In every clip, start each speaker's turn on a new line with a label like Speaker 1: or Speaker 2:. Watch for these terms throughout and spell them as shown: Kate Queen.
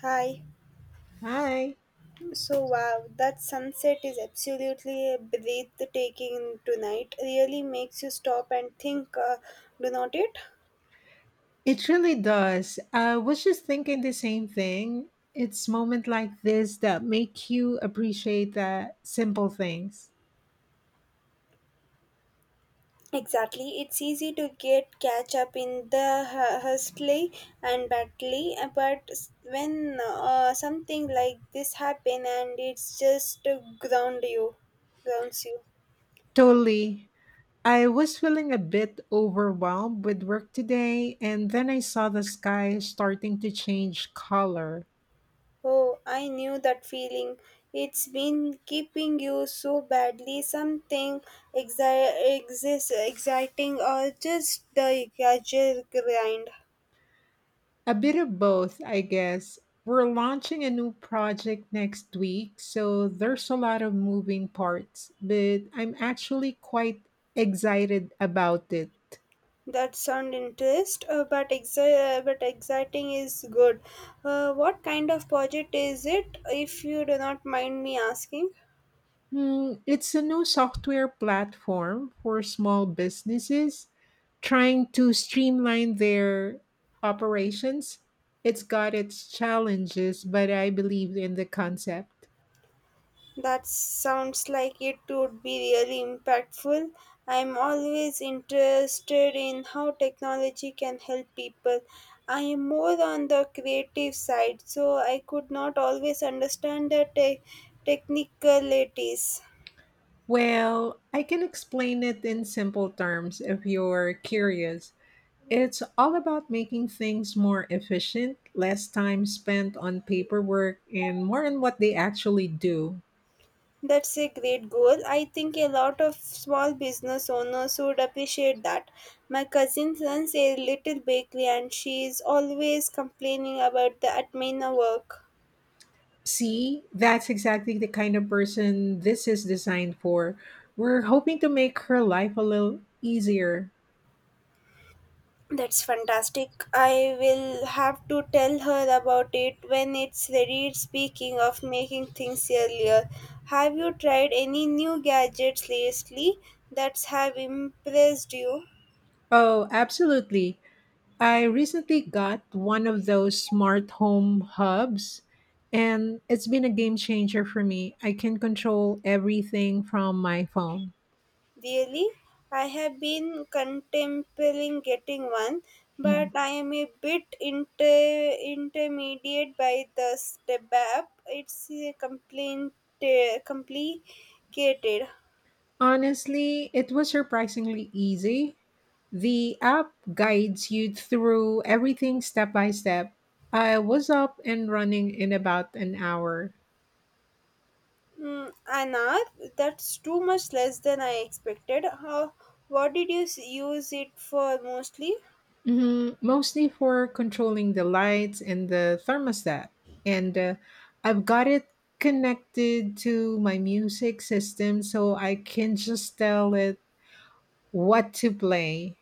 Speaker 1: Hi.
Speaker 2: Hi.
Speaker 1: So wow, that sunset is absolutely breathtaking tonight. Really makes you stop and think, do not it?
Speaker 2: It really does. I was just thinking the same thing. It's moments like this that make you appreciate the simple things.
Speaker 1: Exactly. It's easy to get catch up in the hustle and battle, but when something like this happen and it's just to grounds you.
Speaker 2: Totally. I was feeling a bit overwhelmed with work today, and then I saw the sky starting to change color.
Speaker 1: Oh, I knew that feeling. It's been keeping you so badly. Something exciting or just the casual grind.
Speaker 2: A bit of both, I guess. We're launching a new project next week, so there's a lot of moving parts, but I'm actually quite excited about it.
Speaker 1: That sound interest, but exciting is good. What kind of project is it, if you do not mind me asking?
Speaker 2: It's a new software platform for small businesses trying to streamline their operations. It's got its challenges, but I believe in the concept.
Speaker 1: That sounds like it would be really impactful. I'm always interested in how technology can help people. I am more on the creative side, so I could not always understand the technicalities.
Speaker 2: Well, I can explain it in simple terms if you're curious. It's all about making things more efficient, less time spent on paperwork, and more on what they actually do.
Speaker 1: That's a great goal. I think a lot of small business owners would appreciate that. My cousin runs a little bakery and she is always complaining about the admin work.
Speaker 2: See, that's exactly the kind of person this is designed for. We're hoping to make her life a little easier.
Speaker 1: That's fantastic. I will have to tell her about it when it's ready. Speaking of making things earlier, have you tried any new gadgets lately that have impressed you?
Speaker 2: Oh, absolutely. I recently got one of those smart home hubs, and it's been a game changer for me. I can control everything from my phone.
Speaker 1: Really? I have been contemplating getting one, but
Speaker 2: Mhm.
Speaker 1: I am a bit intermediate by the step app. It's complicated.
Speaker 2: Honestly, it was surprisingly easy. The app guides you through everything step by step. I was up and running in about an hour.
Speaker 1: Mm, an hour? That's too much less than I expected. What did you use it for mostly?
Speaker 2: Mhm, mostly for controlling the lights and the thermostat. And I've got it connected to my music system so I can just tell it what to play.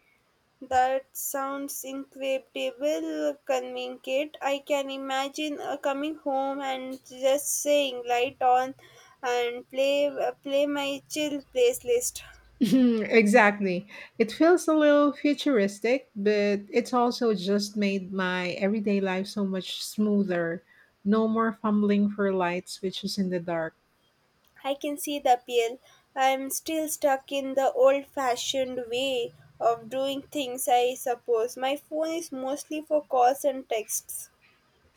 Speaker 1: That sounds incredible, convenient. I can imagine coming home and just saying light on and play my chill playlist.
Speaker 2: Exactly. It feels a little futuristic, but it's also just made my everyday life so much smoother. No more fumbling for light switches in the dark.
Speaker 1: I can see the appeal. I'm still stuck in the old fashioned way of doing things, I suppose. My phone is mostly for calls and texts.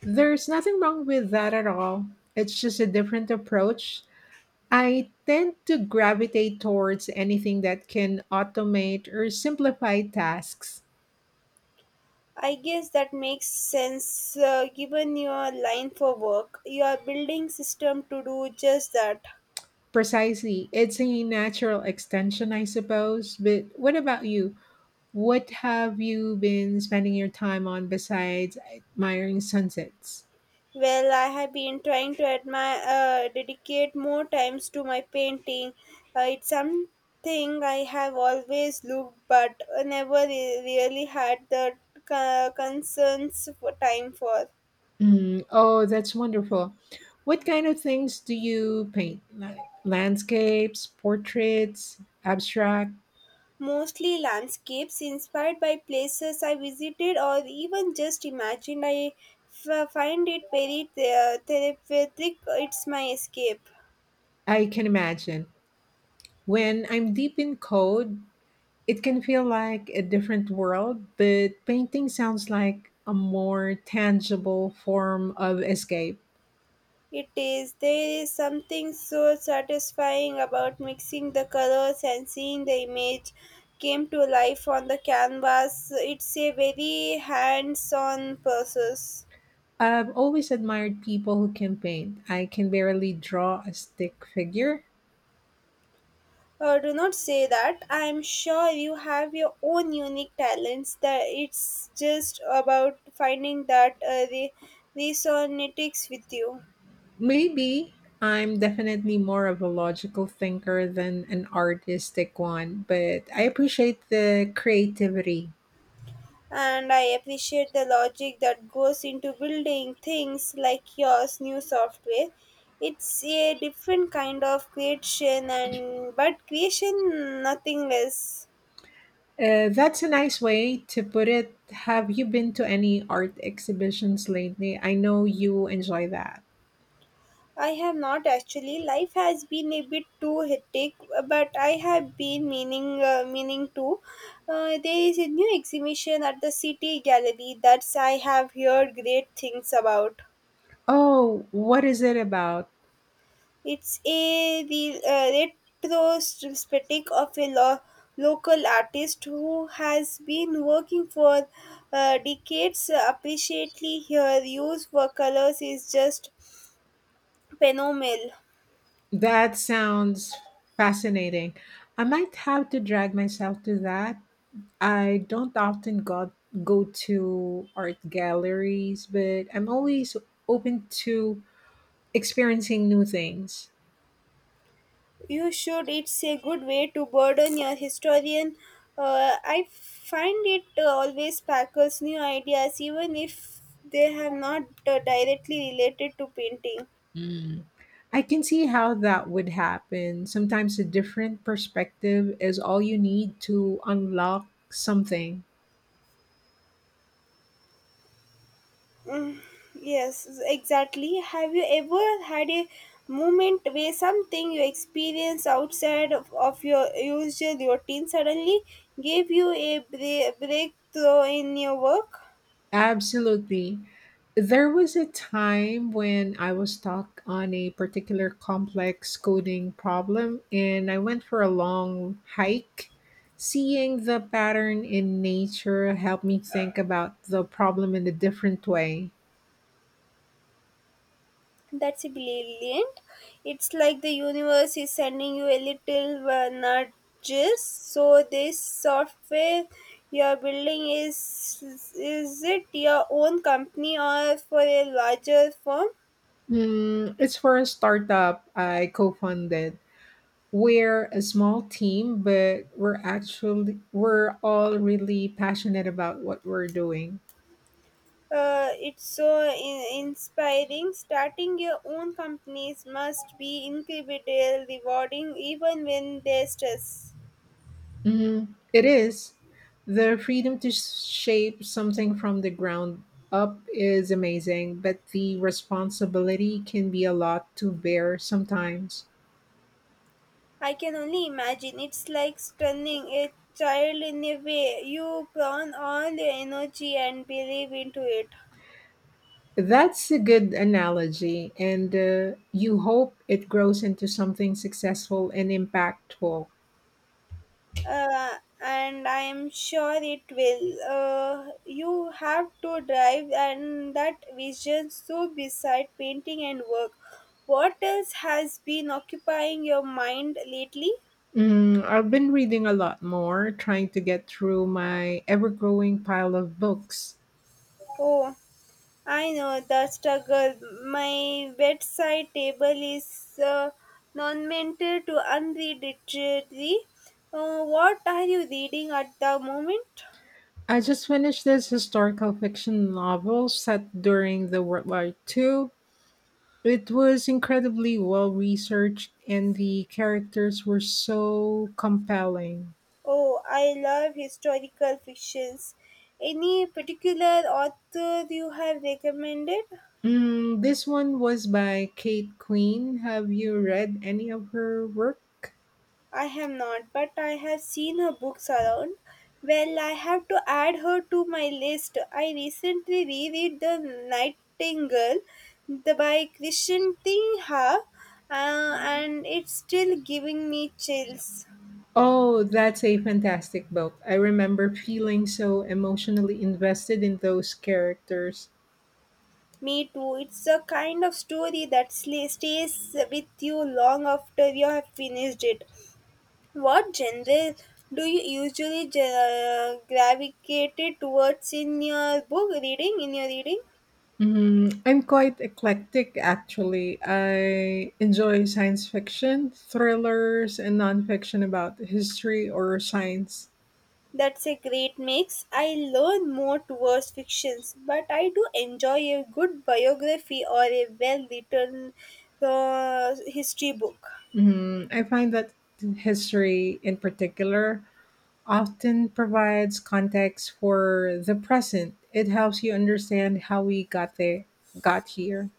Speaker 2: There's nothing wrong with that at all. It's just a different approach. I tend to gravitate towards anything that can automate or simplify tasks.
Speaker 1: I guess that makes sense given your line for work. You are building system to do just that.
Speaker 2: Precisely. It's a natural extension, I suppose. But what about you? What have you been spending your time on besides admiring sunsets?
Speaker 1: Well, I have been trying to dedicate more times to my painting. It's something I have always looked, but never re- really had the concerns for time for.
Speaker 2: Oh, that's wonderful. What kind of things do you paint? Like landscapes, portraits, abstract?
Speaker 1: Mostly landscapes inspired by places I visited or even just imagined. I find it very therapeutic. It's my escape.
Speaker 2: I can imagine. When I'm deep in code, it can feel like a different world, but painting sounds like a more tangible form of escape.
Speaker 1: It is. There is something so satisfying about mixing the colors and seeing the image came to life on the canvas. It's a very hands on process.
Speaker 2: I've always admired people who can paint. I can barely draw a stick figure.
Speaker 1: Do not say that. I am sure you have your own unique talents. That it's just about finding that resonates with you.
Speaker 2: Maybe I'm definitely more of a logical thinker than an artistic one, but I appreciate the creativity.
Speaker 1: And I appreciate the logic that goes into building things like yours, new software. It's a different kind of creation, and but creation nothing less.
Speaker 2: That's a nice way to put it. Have you been to any art exhibitions lately? I know you enjoy that.
Speaker 1: I have not actually. Life has been a bit too hectic, but I have been meaning to. There is a new exhibition at the City Gallery that I have heard great things about.
Speaker 2: Oh, what is it about?
Speaker 1: It's a retrospective of a local artist who has been working for decades. Appreciately, her use for colors is just phenomenal.
Speaker 2: That sounds fascinating. I might have to drag myself to that. I don't often go to art galleries, but I'm always open to experiencing new things.
Speaker 1: You should it's a good way to burden your historian I find it always sparkles new ideas even if they have not directly related to painting.
Speaker 2: Hmm. I can see how that would happen. Sometimes a different perspective is all you need to unlock something.
Speaker 1: Yes, exactly. Have you ever had a moment where something you experienced outside of your usual routine suddenly gave you a breakthrough in your work?
Speaker 2: Absolutely. There was a time when I was stuck on a particular complex coding problem and I went for a long hike. Seeing the pattern in nature helped me think about the problem in a different way.
Speaker 1: That's brilliant. It's like the universe is sending you a little nudges. So this software you're building is it your own company or for a larger firm?
Speaker 2: It's for a startup I co founded. We're a small team, but we're all really passionate about what we're doing.
Speaker 1: It's so inspiring. Starting your own companies must be incredibly rewarding, even when there's stress.
Speaker 2: Mhm. It is. The freedom to shape something from the ground up is amazing, but the responsibility can be a lot to bear sometimes.
Speaker 1: I can only imagine. It's like stunning a child in a way. You burn all your energy and believe into it.
Speaker 2: That's a good analogy, and you hope it grows into something successful and impactful.
Speaker 1: Uh, and I am sure it will. You have to drive and that vision so beside painting and work. What else has been occupying your mind lately?
Speaker 2: I've been reading a lot more, trying to get through my ever growing pile of books.
Speaker 1: Oh. I know the struggle. My bedside table is non-mental to unreadable. What are you reading at the moment?
Speaker 2: I just finished this historical fiction novel set during the World War II. It was incredibly well researched, and the characters were so compelling.
Speaker 1: Oh, I love historical fictions. Any particular author you have recommended?
Speaker 2: This one was by Kate Queen. Have you read any of her work?
Speaker 1: I have not, but I have seen her books around. Well, I have to add her to my list. I recently reread The Nightingale, by Krishan Singha, and it's still giving me chills.
Speaker 2: Oh, that's a fantastic book. I remember feeling so emotionally invested in those characters.
Speaker 1: Me too. It's a kind of story that stays with you long after you have finished it. What genre do you usually gravitate towards in your reading?
Speaker 2: I'm quite eclectic, actually. I enjoy science fiction, thrillers, and nonfiction about history or science.
Speaker 1: That's a great mix. I learn more towards fictions, but I do enjoy a good biography or a well written history book.
Speaker 2: I find that history in particular often provides context for the present. It helps you understand how we got here.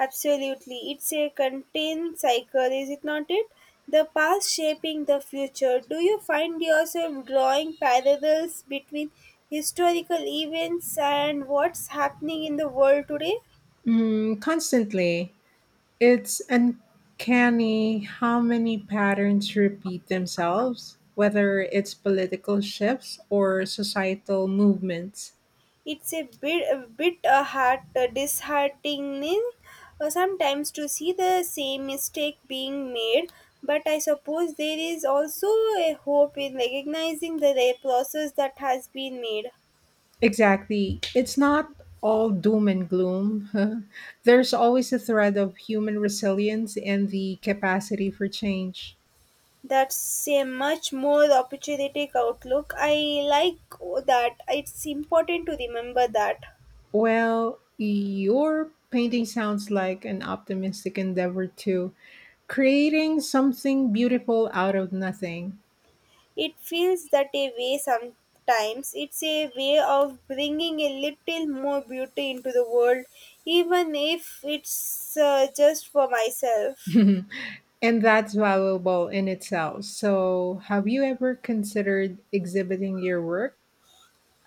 Speaker 1: Absolutely. It's a contained cycle, is it not it? The past shaping the future. Do you find yourself drawing parallels between historical events and what's happening in the world today?
Speaker 2: Constantly, it's uncanny how many patterns repeat themselves, whether it's political shifts or societal movements.
Speaker 1: It's a a bit heart disheartening sometimes to see the same mistake being made, but I suppose there is also a hope in recognizing the process that has been made.
Speaker 2: Exactly. It's not all doom and gloom. There's always a thread of human resilience and the capacity for change.
Speaker 1: That's a much more opportunistic outlook. I like that. It's important to remember that.
Speaker 2: Well, your painting sounds like an optimistic endeavor to creating something beautiful out of nothing.
Speaker 1: It feels that a way sometimes. It's a way of bringing a little more beauty into the world, even if it's just for myself.
Speaker 2: And that's valuable in itself. So, have you ever considered exhibiting your work?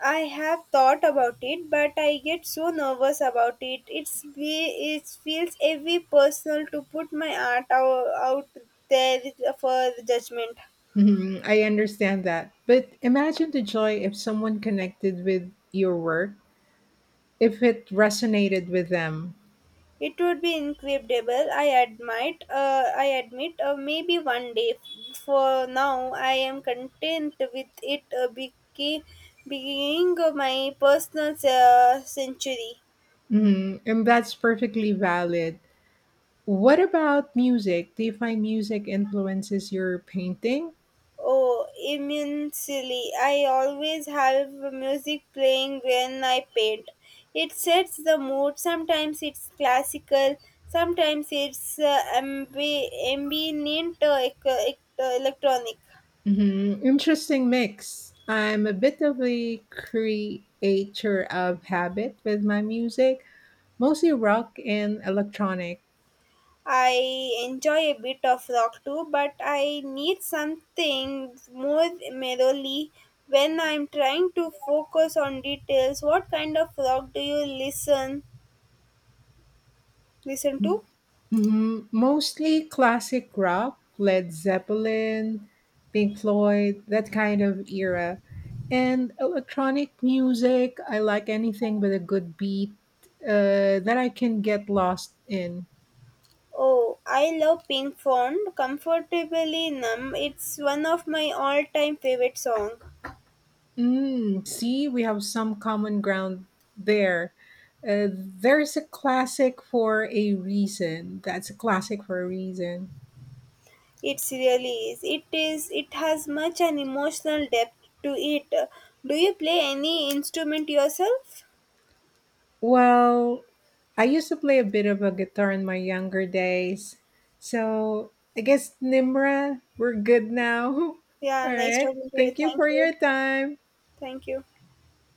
Speaker 1: I have thought about it, but I get so nervous about it. It feels heavy personal to put my art out there for judgment.
Speaker 2: Mhm, I understand that. But imagine the joy if someone connected with your work, if it resonated with them.
Speaker 1: It would be incredible. I admit. Maybe one day. For now, I am content with it being my personal century.
Speaker 2: Mhm, and that's perfectly valid. What about music? Do you find music influences your painting?
Speaker 1: Oh, immensely! I always have music playing when I paint. It sets the mood. Sometimes it's classical. Sometimes it's ambient electronic.
Speaker 2: Hmm, interesting mix. I'm a bit of a creature of habit with my music, mostly rock and electronic.
Speaker 1: I enjoy a bit of rock too, but I need something more melody when I'm trying to focus on details. What kind of rock do you listen to?
Speaker 2: Mhm. Mostly classic rock, Led Zeppelin, Pink Floyd, that kind of era. And electronic music, I like anything with a good beat that I can get lost in.
Speaker 1: Oh, I love Pink Floyd, Comfortably Numb. It's one of my all-time favorite song.
Speaker 2: See, we have some common ground there. There's a classic for a reason. That's a classic for a reason.
Speaker 1: It really is. It is. It has much an emotional depth to it. Do you play any instrument yourself?
Speaker 2: Well, I used to play a bit of a guitar in my younger days. So I guess, Nimra, we're good now.
Speaker 1: Yeah,
Speaker 2: All
Speaker 1: nice
Speaker 2: right.
Speaker 1: talking to you.
Speaker 2: Thank you
Speaker 1: Thank
Speaker 2: for
Speaker 1: you.
Speaker 2: your time.
Speaker 1: Thank you.